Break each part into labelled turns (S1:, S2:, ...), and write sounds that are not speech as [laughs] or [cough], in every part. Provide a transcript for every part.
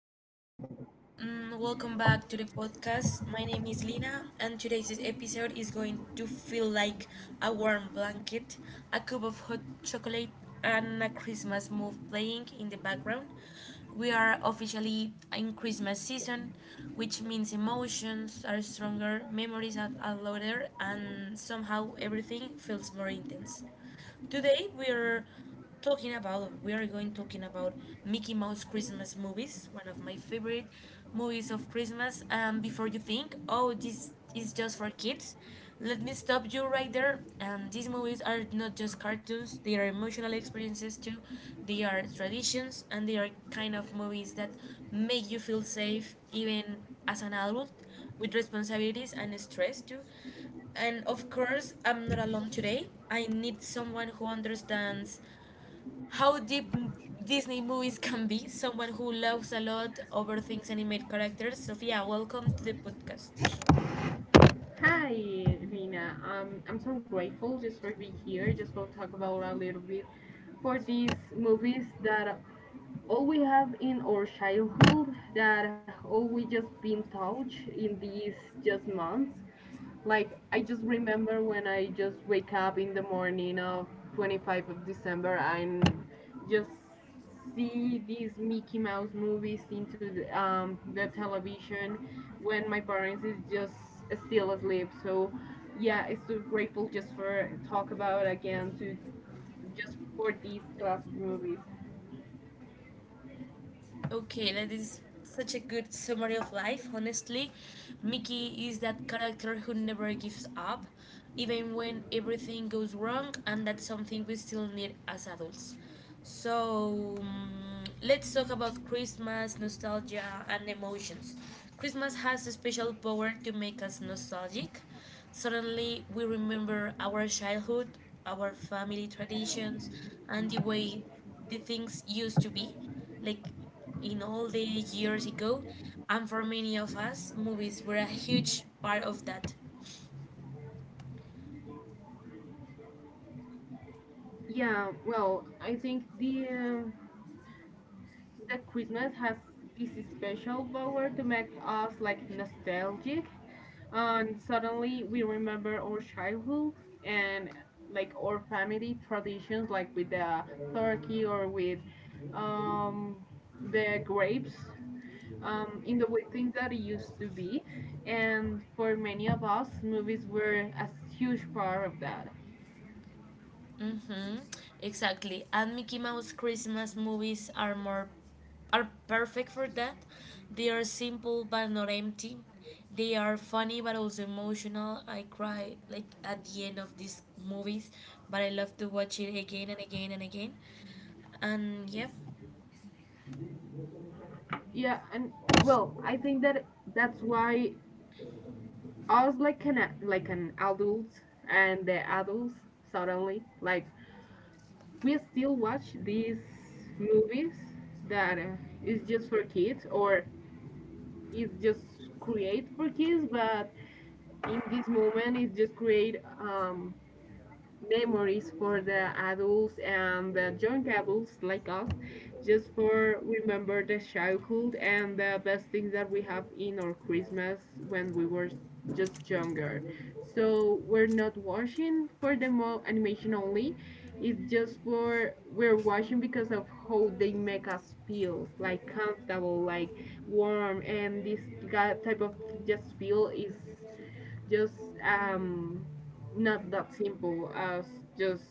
S1: hello everyone. Welcome back to the podcast. My name is Lina, and today's episode is going to feel like a warm blanket, a cup of hot chocolate, and a Christmas move playing in the background. We are officially in Christmas season, which means emotions are stronger, memories are louder, and somehow everything feels more intense. Today we are going talking about Mickey Mouse Christmas movies, one of my favorite movies of Christmas. And before you think, oh, this is just for kids, let me stop you right there. And these movies are not just cartoons; they are emotional experiences too. They are traditions, and they are kind of movies that make you feel safe even as an adult with responsibilities and stress too. And of course, I'm not alone today. I need someone who understands how Disney movies can be, someone who loves a lot over things animated characters. Sophia, welcome to the podcast.
S2: Hi, Lina. I'm so grateful just for being here. Just want to talk about a little bit for these movies that all we have in our childhood, that all we just been taught in these just months. Like I just remember when I just wake up in the morning of 25th of December and just see these Mickey Mouse movies into the television when my parents is just still asleep. So yeah, it's so grateful just for talk about again to just for these classic movies.
S1: Okay, that is such a good summary of life, honestly. Mickey is that character who never gives up, even when everything goes wrong, and that's something we still need as adults. So, let's talk about Christmas, nostalgia, and emotions. Christmas has a special power to make us nostalgic. Suddenly, we remember our childhood, our family traditions, and the way the things used to be like in all the years ago, and for many of us, movies were a huge part of that.
S2: Yeah, well, I think the Christmas has this special power to make us like nostalgic, and suddenly we remember our childhood and like our family traditions, like with the turkey or with um, the grapes, in the way things that it used to be, and for many of us movies were a huge part of that.
S1: Mm-hmm, exactly. And Mickey Mouse Christmas movies are perfect for that. They are simple but not empty. They are funny but also emotional. I cry like at the end of these movies, but I love to watch it again and again and again. And yeah.
S2: Yeah, and well, I think that's why us like an adults, and the adults suddenly like we still watch these movies that is just for kids, or is just create for kids, but in this moment it's just create memories for the adults and the young adults like us, just for remember the childhood and the best things that we have in our Christmas when we were just younger. So we're not watching for the animation only. It's just for we're watching because of how they make us feel, like comfortable, like warm, and this type of just feel is just um not that simple as just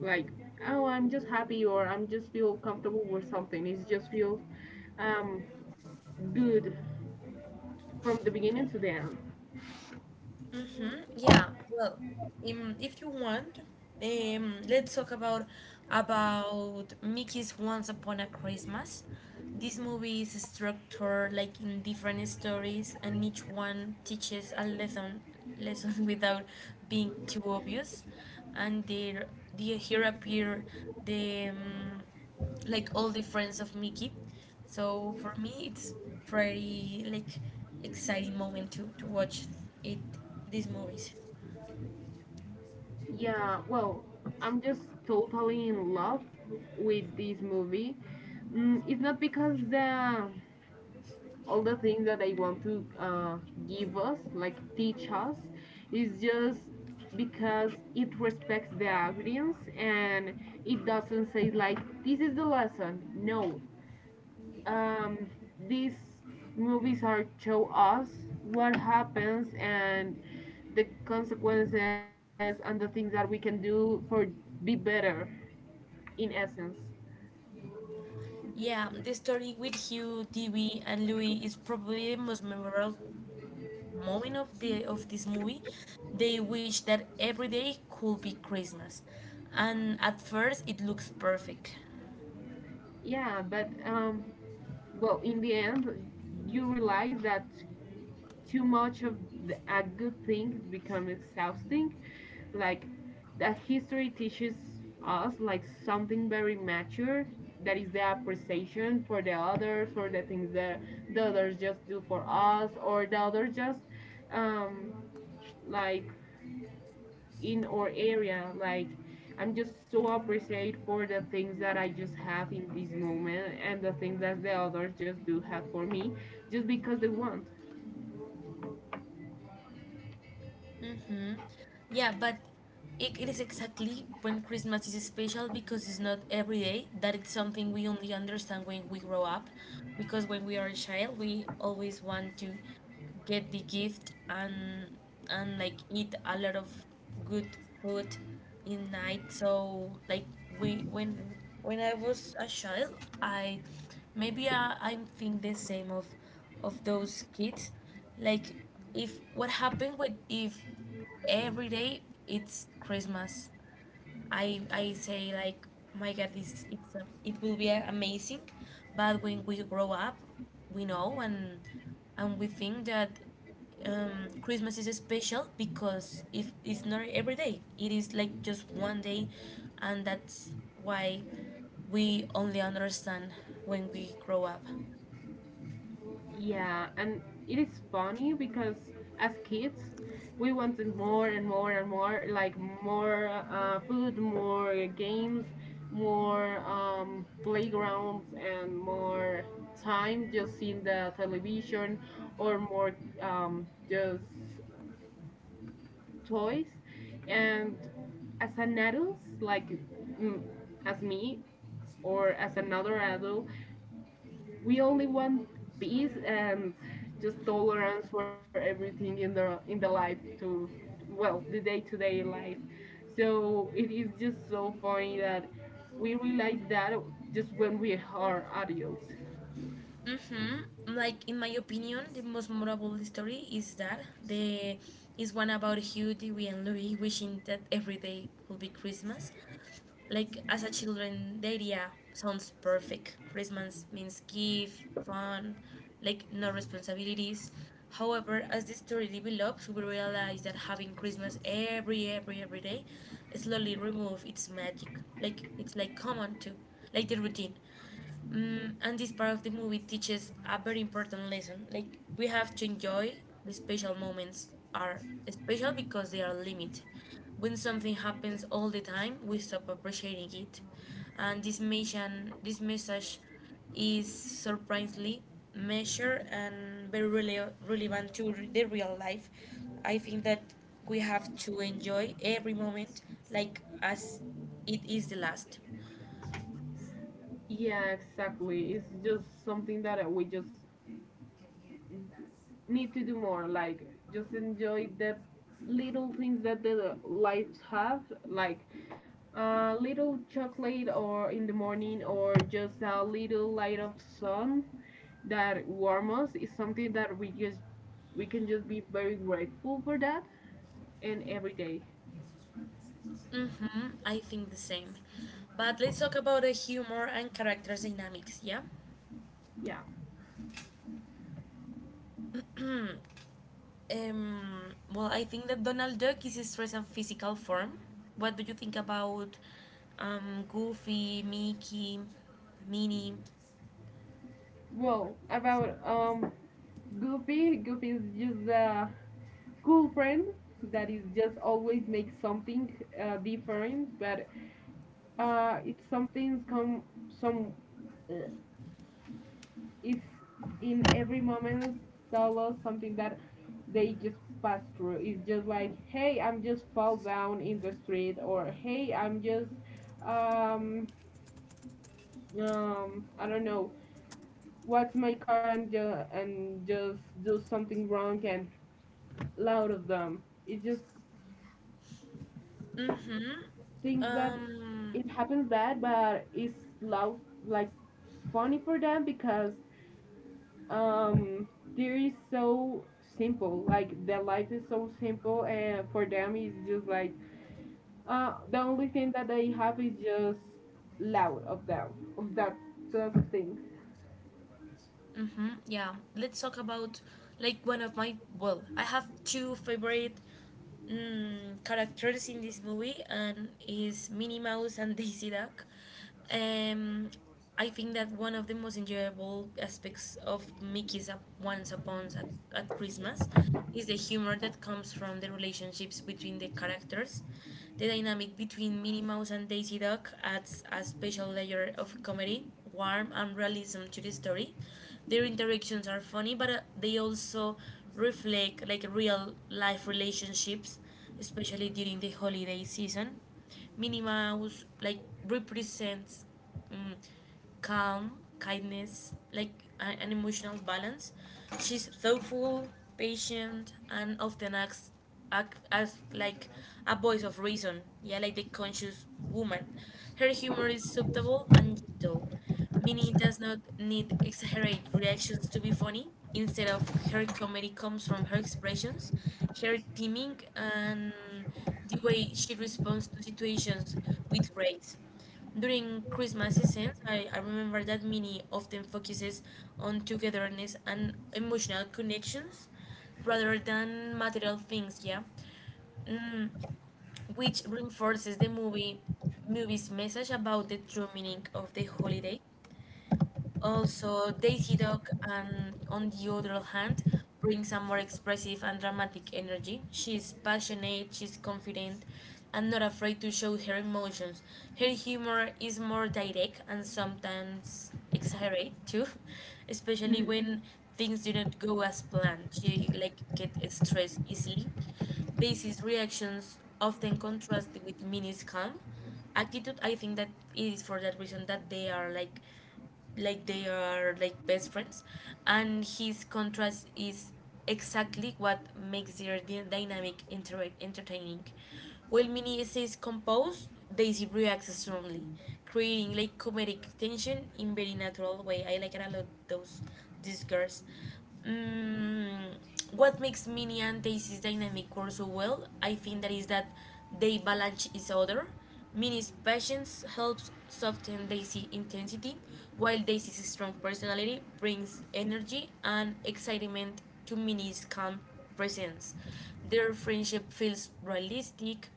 S2: like, oh, I'm just happy, or I'm just feel comfortable with something. It just feels um good from the beginning to the end.
S1: Mm-hmm. Yeah. Well, if you want, let's talk about Mickey's Once Upon a Christmas. This movie is structured like in different stories, and each one teaches a lesson [laughs] without being too obvious. And there, the here appear the like all the friends of Mickey. So for me, it's pretty like exciting moment to watch it these movies.
S2: Yeah, well, I'm just totally in love with this movie. It's not because the all the things that they want to give us, like teach us. Is just because it respects the audience, and it doesn't say like, this is the lesson. No, um, these movies are show us what happens, and the consequences, and the things that we can do for be better, in essence.
S1: Yeah, the story with Hugh, Dewey, and Louis is probably the most memorable moment of the of this movie. They wish that every day could be Christmas, and at first it looks perfect.
S2: Yeah, but well, in the end you realize that too much of a good thing becomes exhausting. Like that history teaches us like something very mature, that is the appreciation for the others, for the things that the others just do for us, or the others just um like, in our area, like, I'm just so appreciated for the things that I just have in this moment, and the things that the others just do have for me, just because they want.
S1: Mm-hmm. Yeah, but it is exactly when Christmas is special because it's not every day. That it's something we only understand when we grow up. Because when we are a child, we always want to get the gift and like eat a lot of good food in night. So like we when I was a child, I maybe I think the same of those kids. Like if what happened with if every day it's Christmas, I say like, my god, it will be amazing. But when we grow up we know, and we think that Christmas is special because if it's not every day it is like just one day, and that's why we only understand when we grow up.
S2: Yeah, and it is funny because as kids, we wanted more and more and more, like more food, more games, more playgrounds, and more time just in the television, or more just toys. And as an adult, like, mm, as me, or as another adult, we only want peace and just tolerance for everything in the life, to well the day-to-day life. So it is just so funny that we realize that just when we are adults.
S1: Mm-hmm. Like in my opinion, the most memorable story is that the is one about Hugh, Dewey, and Louie wishing that every day would be Christmas. Like as a children, the idea sounds perfect. Christmas means gift, fun, like no responsibilities. However, as the story develops, we realize that having Christmas every day slowly remove its magic. Like it's like common to like the routine. And this part of the movie teaches a very important lesson. Like we have to enjoy the special moments are special because they are limited. When something happens all the time, we stop appreciating it. And this message is surprisingly measured and very relevant to the real life. I think that we have to enjoy every moment like as it is the last.
S2: Yeah, exactly. It's just something that we just need to do more, like just enjoy the little things that the lives have, like a little chocolate or in the morning, or just a little light of sun that warm us, is something that we can just be very grateful for, that and every day.
S1: Mm-hmm, I think the same. But let's talk about the humor and characters dynamics, yeah?
S2: Yeah,
S1: Hmm, Um, well, I think that Donald Duck is stressed in physical form. What do you think about Goofy, Mickey, Minnie?
S2: well, about Goofy, is just a cool friend that is just always makes something different. But it's something come some. Uh, is in every moment tell us something that they just pass through. It's just like, hey, I'm just fall down in the street, or hey, I'm just um I don't know, watch my car, and and just do something wrong and loud of them. It just
S1: Mm-hmm.
S2: things that
S1: Um,
S2: it happens bad, but it's loud like funny for them, because um there is so simple, like their life is so simple, and for them it's just like, the only thing that they have is just loud of them, of that class of things.
S1: mm-hmm, yeah. Let's talk about like one of my, well, I have two favorite characters in this movie and is Minnie Mouse and [laughs] Daisy Duck. Um, I think that one of the most enjoyable aspects of Mickey's Up Once Upon a, at Christmas is the humor that comes from the relationships between the characters. The dynamic between Minnie Mouse and Daisy Duck adds a special layer of comedy, warmth, and realism to the story. Their interactions are funny, but they also reflect like real life relationships, especially during the holiday season. Minnie Mouse like represents mm, calm, kindness, like an emotional balance. She's thoughtful, patient, and often acts act as like a voice of reason. Yeah, like the conscious woman. Her humor is subtle and gentle, meaning it does not need exaggerate reactions to be funny. Instead of her comedy comes from her expressions, her timing, and the way she responds to situations with grace. During Christmas seasons, I remember that Mini often focuses on togetherness and emotional connections rather than material things, yeah. Mm, which reinforces the movie's message about the true meaning of the holiday. Also, Daisy Dog, and on the other hand, brings a more expressive and dramatic energy. She is passionate, she's confident, and not afraid to show her emotions. Her humor is more direct and sometimes exaggerate too, [laughs] especially when
S2: [laughs]
S1: things do not go as planned. She like get stressed easily. Daisy's reactions often contrast with Minnie's calm attitude. I think that it is for that reason that they are like they are like best friends, and his contrast is exactly what makes their dynamic entertaining. While Minnie is composed, Daisy reacts strongly, creating like comedic tension in very natural way. I like it a lot those these girls. mm, what makes Minnie and Daisy's dynamic work so well, I think, that is that they balance each other. Minnie's patience helps soften Daisy's intensity, while Daisy's strong personality brings energy and excitement to Minnie's calm presence. Their friendship feels realistic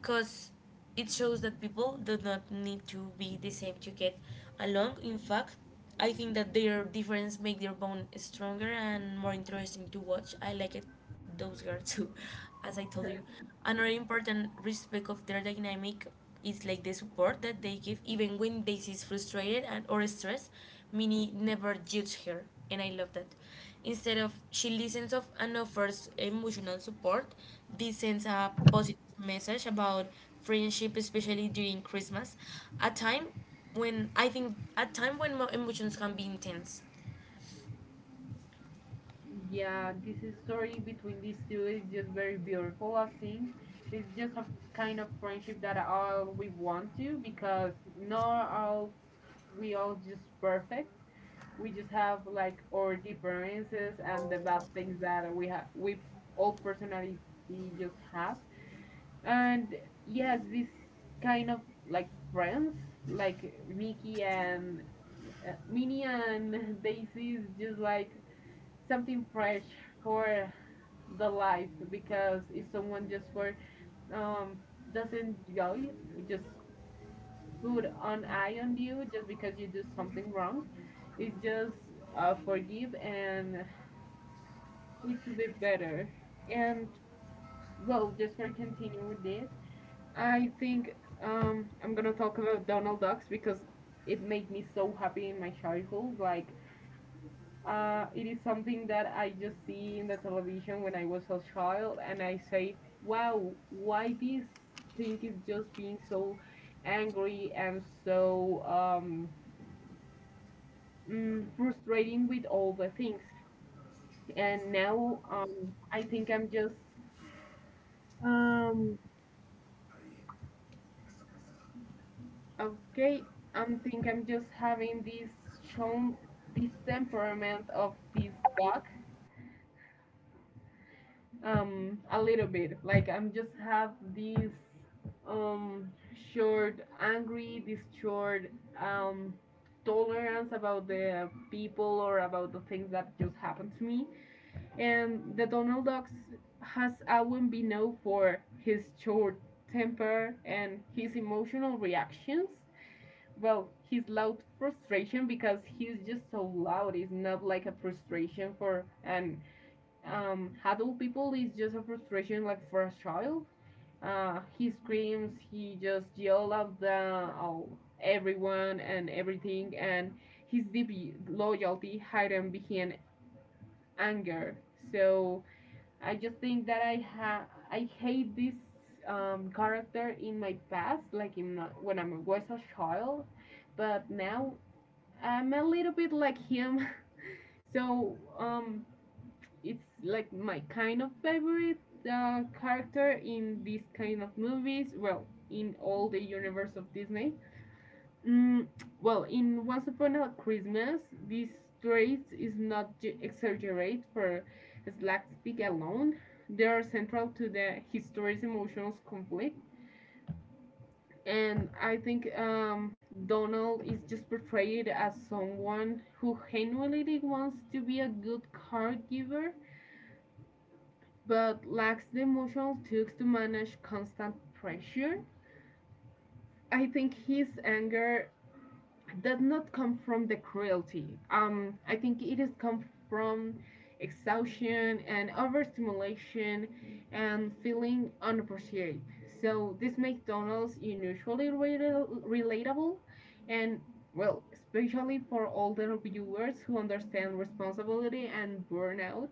S1: because it shows that people do not need to be the same to get along. In fact, I think that their difference make their bond stronger and more interesting to watch. I like it those girls too, [laughs] as I told you. Another important respect of their dynamic is like the support that they give even when Daisy is frustrated and or stressed. Minnie never judges her, and I love that. Instead of she listens of and offers emotional support, this sends a positive message about friendship, especially during Christmas, a time when I think at time when my emotions can be intense.
S2: Yeah, this is story between these two is just very beautiful, I think. It's just a kind of friendship that all we want to, because not all we all just perfect. We just have like our differences, and the bad things that we have, we all personality just have. And yes, this kind of like friends, like Mickey and Minnie and [laughs] Daisy, is just like something fresh for the life. Because if someone just for um doesn't enjoy, just put an eye on you just because you do something wrong, it's just forgive and little bit better. And well, just for continue with this, I think I'm gonna talk about Donald Ducks, because it made me so happy in my childhood. Like, it is something that I just see in the television when I was a child, and I say, wow, why this thing is just being so angry and so frustrating with all the things. And now I think I'm just um, okay, I'm think I'm just having this shown, this temperament of this dog a little bit. Like I'm just have this um short angry, this short um tolerance about the people, or about the things that just happened to me. And the Donald Ducks has always been known for his short temper and his emotional reactions, well his loud frustration, because he's just so loud. It's not like a frustration for an adult people, it's just a frustration like for a child. He screams, he just yell at everyone and everything, and his deep loyalty hidden behind anger. So I just think that I hate this character in my past, like in when I was a child. But now I'm a little bit like him, [laughs] so it's like my kind of favorite character in these kind of movies. Well, in all the universe of Disney. Mm, well, in Once Upon a Christmas, this trait is not exaggerated for slapstick alone. They are central to the his story's emotional conflict. And I think Donald is just portrayed as someone who genuinely wants to be a good caregiver, but lacks the emotional tools to manage constant pressure. I think his anger does not come from the cruelty. I think it has come from exhaustion and overstimulation and feeling unappreciated. So this makes Donald's unusually relatable, and well, especially for older viewers who understand responsibility and burnout.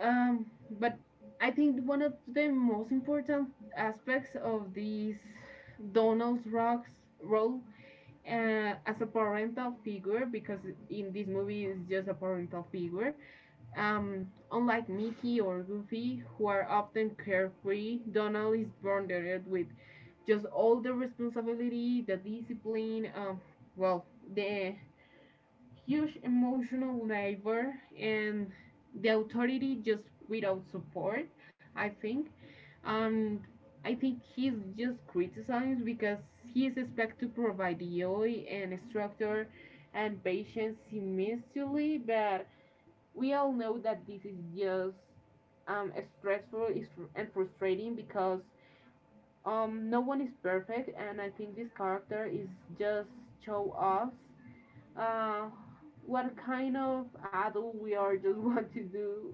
S2: Um, but I think one of the most important aspects of these Donald's Rock's role, as a parental figure, because in this movie it's just a parental figure. Unlike Mickey or Goofy, who are often carefree, Donald is burdened with just all the responsibility, the discipline, well, the huge emotional labor and the authority, just without support, I think. and he's just criticized because he is expected to provide the joy and structure and patience simultaneously. But we all know that this is just um, stressful and frustrating, because no one is perfect. And I think this character is just show us uh, what kind of adult we are just [laughs] want to do,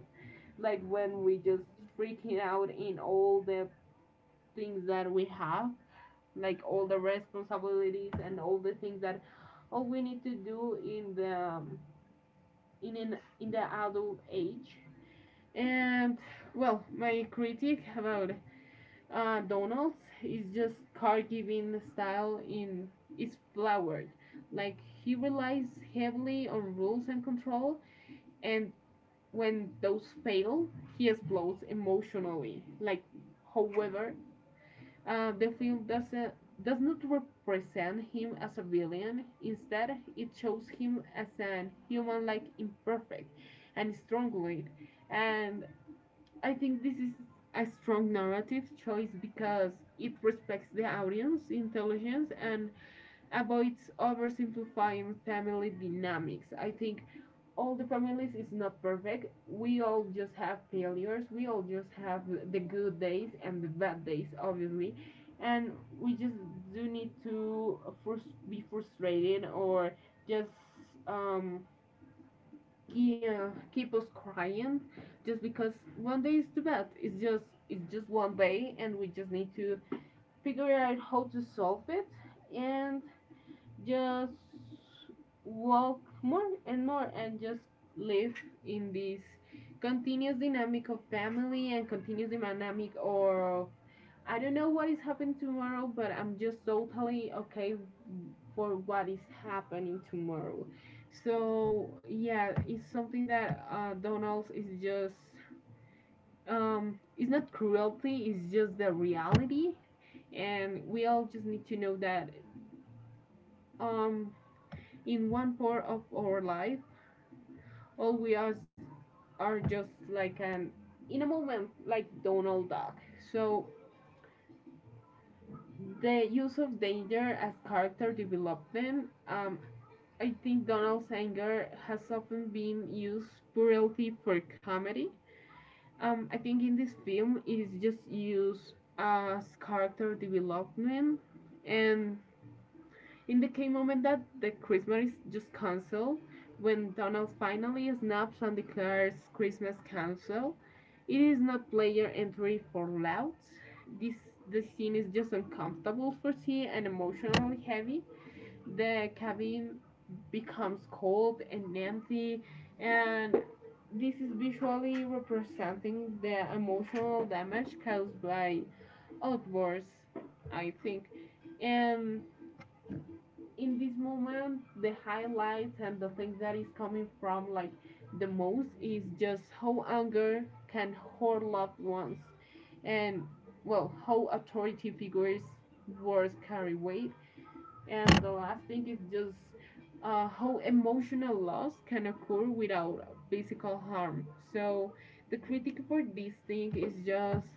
S2: like when we just freaking out in all the things that we have, like all the responsibilities and all the things that all we need to do in the adult age. And well, my critique about Donald's is just car giving style in is flowered. Like he relies heavily on rules and control, and when those fail, he explodes emotionally. Like, however, the film does not represent him as a villain. Instead, it shows him as an human-like, imperfect, and strong lead. And I think this is a strong narrative choice, because it respects the audience intelligence and avoids oversimplifying family dynamics. I think all the families is not perfect. We all just have failures. We all just have the good days and the bad days, obviously. And we just do need to frus- be frustrated, or just um, yeah, keep us crying just because one day is too bad. It's just one day, and we just need to figure out how to solve it. And just walk more and more, and just live in this continuous dynamic of family, and continuous dynamic, or I don't know what is happening tomorrow, but I'm just totally okay for what is happening tomorrow. So yeah, it's something that Donald's is just, it's not cruelty, it's just the reality, and we all just need to know that um, in one part of our life, all we are just like an in a moment, like Donald Duck. So the use of danger as character development. I think Donald's anger has often been used purely for comedy. I think in this film it is just used as character development, and in the key moment that the Christmas is just cancelled, when Donald finally snaps and declares Christmas cancelled, it is not player entry for louds. This The scene is just uncomfortable for T and emotionally heavy. The cabin becomes cold and empty, and this is visually representing the emotional damage caused by outbursts, I think. And in this moment the highlights and the thing that is coming from like the most is just how anger can hurt loved ones, and well how authority figures words carry weight, and the last thing is just how emotional loss can occur without physical harm. So the critic for this thing is just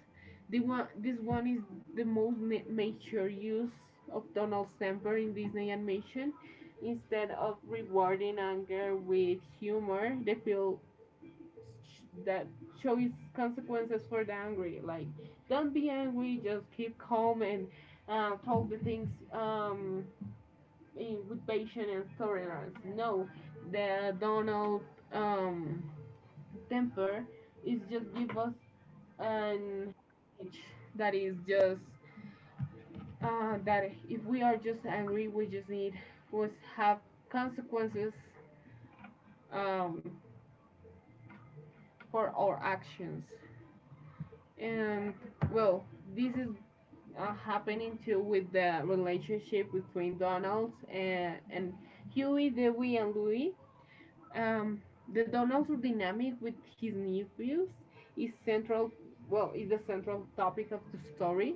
S2: the one. This one is the most mature use of Donald Stamper in Disney animation. Instead of rewarding anger with humor, they feel sh- that shows consequences for the angry. Like don't be angry, just keep calm and talk the things. With patience and tolerance. No, the Donald um, temper is just give us an itch that is just that if we are just angry, we just need must have consequences um, for our actions. And well, this is happening too with the relationship between Donald and Huey, Dewey, and Louie. Um, the Donald's dynamic with his nephews is central. Well, is the central topic of the story.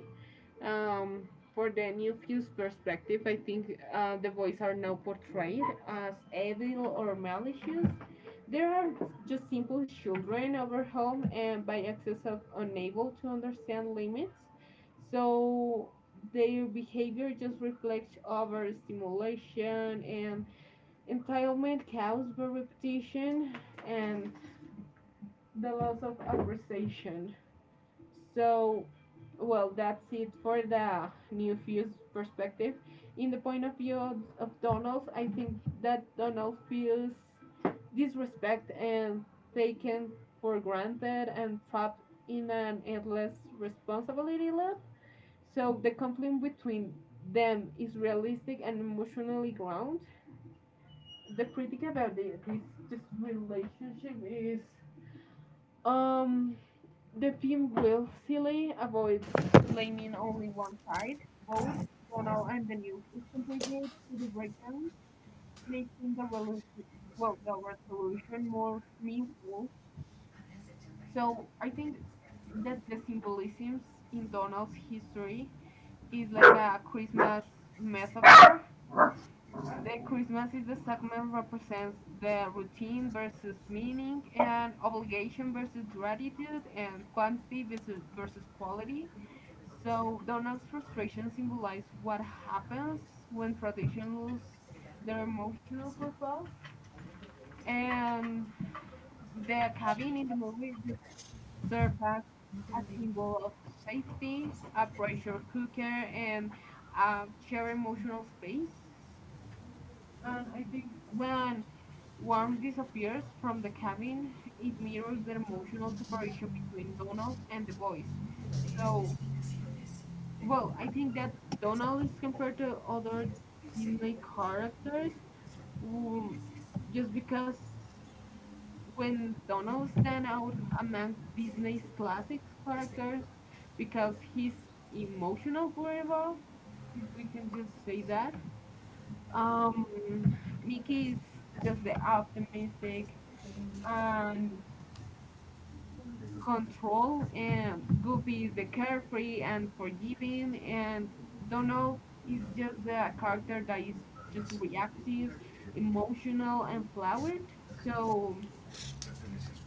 S2: Um, for the nephew's perspective, I think the boys are now portrayed as evil or malicious. They are just simple children overwhelmed and by excess of unable to understand limits. So their behavior just reflects overstimulation and entitlement cows by repetition and the loss of appreciation. So, well, that's it for the new fuse perspective. In the point of view of Donald, I think that Donald feels disrespect and taken for granted and trapped in an endless responsibility loop. So the conflict between them is realistic and emotionally grounded. The critic about the, this relationship is, um the film willfully avoids blaming only one side. Both Donald and the new kids contribute to the breakdown, making the resolution more meaningful. So I think that the symbolisms in Donald's history is like a Christmas metaphor. The Christmas is the segment represents the routine versus meaning and obligation versus gratitude and quantity versus quality. So Donald's frustration symbolizes what happens when tradition loses their emotional purpose, and the cabin in the movie just serves as a symbol of safety, a pressure cooker, and a shared emotional space. And I think when warm disappears from the cabin, it mirrors the emotional separation between Donald and the boys. So, well, I think that Donald is compared to other Disney characters, um, just because when Donald stand out among Disney's classic characters because he's emotional forever, if we can just say that. Um, Mickey is just the optimistic and control, and Goofy is the carefree and forgiving, and Donald is just the character that is just reactive, emotional, and flowered. So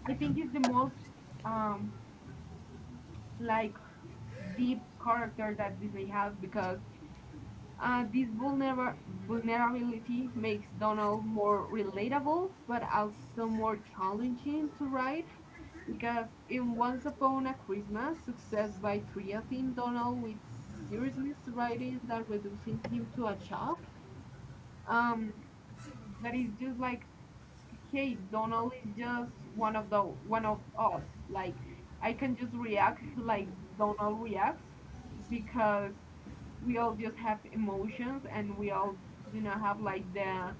S2: I think it's the most um, like deep character that Disney has because this vulnerability makes Donald more relatable, but also more challenging to write, because in Once Upon a Christmas, success by treating Donald with seriousness writing that reducing him to a child. Um, that is just like, hey, Donald is just one of us. Like, I can just react like Donald reacts, because we all just have emotions, and we all have like the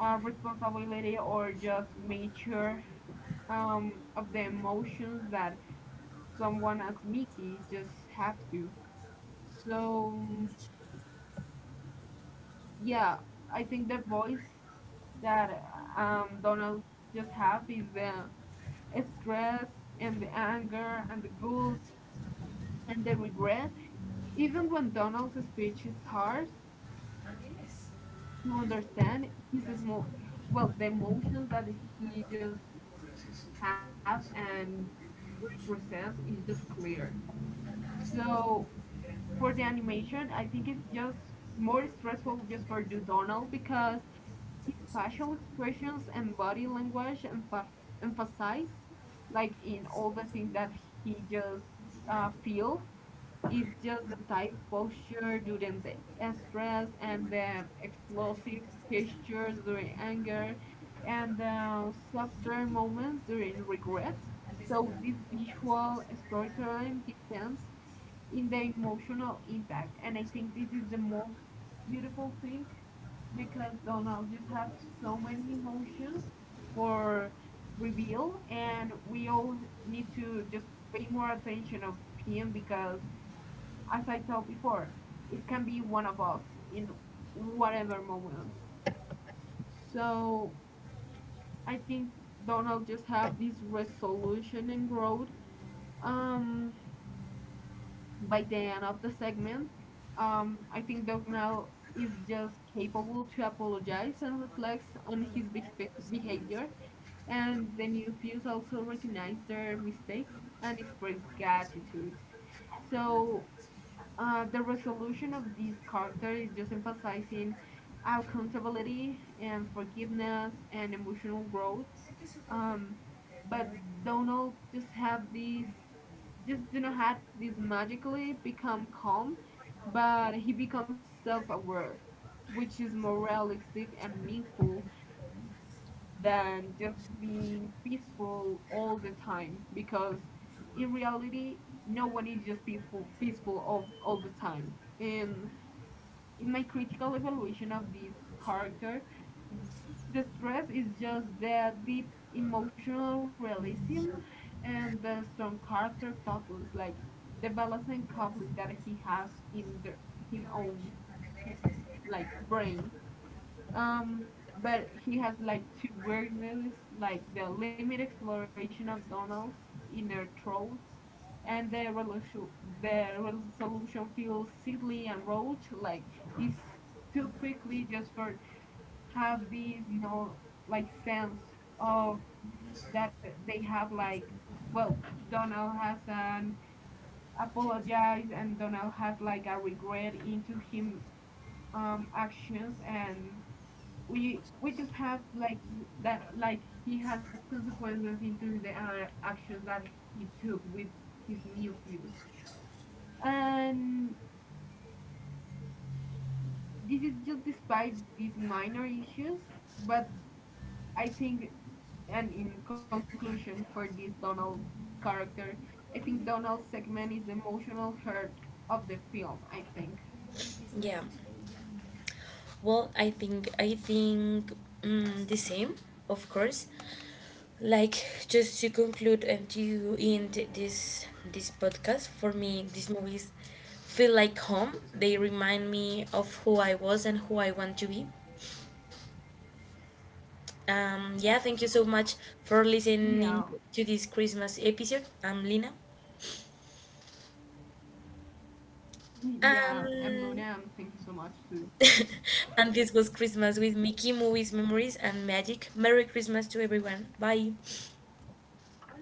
S2: responsibility or just mature of the emotions that someone as Mickey just have to. So yeah, I think the voice that Donald just have is the stress and the anger and the guilt and the regret. Even when Donald's speech is harsh, to understand his the emotions that he just have and represent is just clear. So for the animation I think it's just more stressful just for do Donald, because his facial expressions and body language emphasize like in all the things that he just feel. It's just the tight posture during the stress, and the explosive gestures during anger, and the softer moments during regret. So this visual storytelling depends in the emotional impact, and I think this is the most beautiful thing, because Donald just have so many emotions for reveal, and we all need to just pay more attention of him, because as I told before, it can be one of us in whatever moment. So I think Donald just have this resolution and growth. Um, by the end of the segment, I think Donald is just capable to apologize and reflects on his behavior. And the new fuse also recognize their mistakes and express gratitude. So the resolution of this character is just emphasizing accountability and forgiveness and emotional growth. Um, but Donald just have these, just do not have this magically become calm, but he becomes self-aware, which is more realistic and meaningful than just being peaceful all the time, because in reality no one is just peaceful all the time. And in my critical evaluation of this character, the stress is just the deep emotional realism and the strong character focus, like the balance and conflict that he has in his own like brain, um, but he has like two work movies, like the Limit Exploration of Donald's Inner Throats and the resolution. The resolution feels silly and roach, like it's too quickly just for have these, like sense of that they have like, well, Donald has an apologize, and Donald has like a regret into him, actions. And we just have like that like he has consequences into the actions that he took with his new views. And this is just despite these minor issues, but I think and in conclusion for this Donald character, I think Donald's segment is the emotional heart of the film, I think.
S1: Yeah. Well, I think the same, of course. Like just to conclude and to end this podcast for me, these movies feel like home. They remind me of who I was and who I want to be. Yeah,
S2: Yeah.
S1: thank you so much for listening to this Christmas episode. I'm Lina.
S2: Yeah I'm Luna, and thank you so much too.
S1: Um, [laughs] and this was Christmas with Mickey, movies, memories, and magic. Merry Christmas to everyone. Bye.
S2: Bye.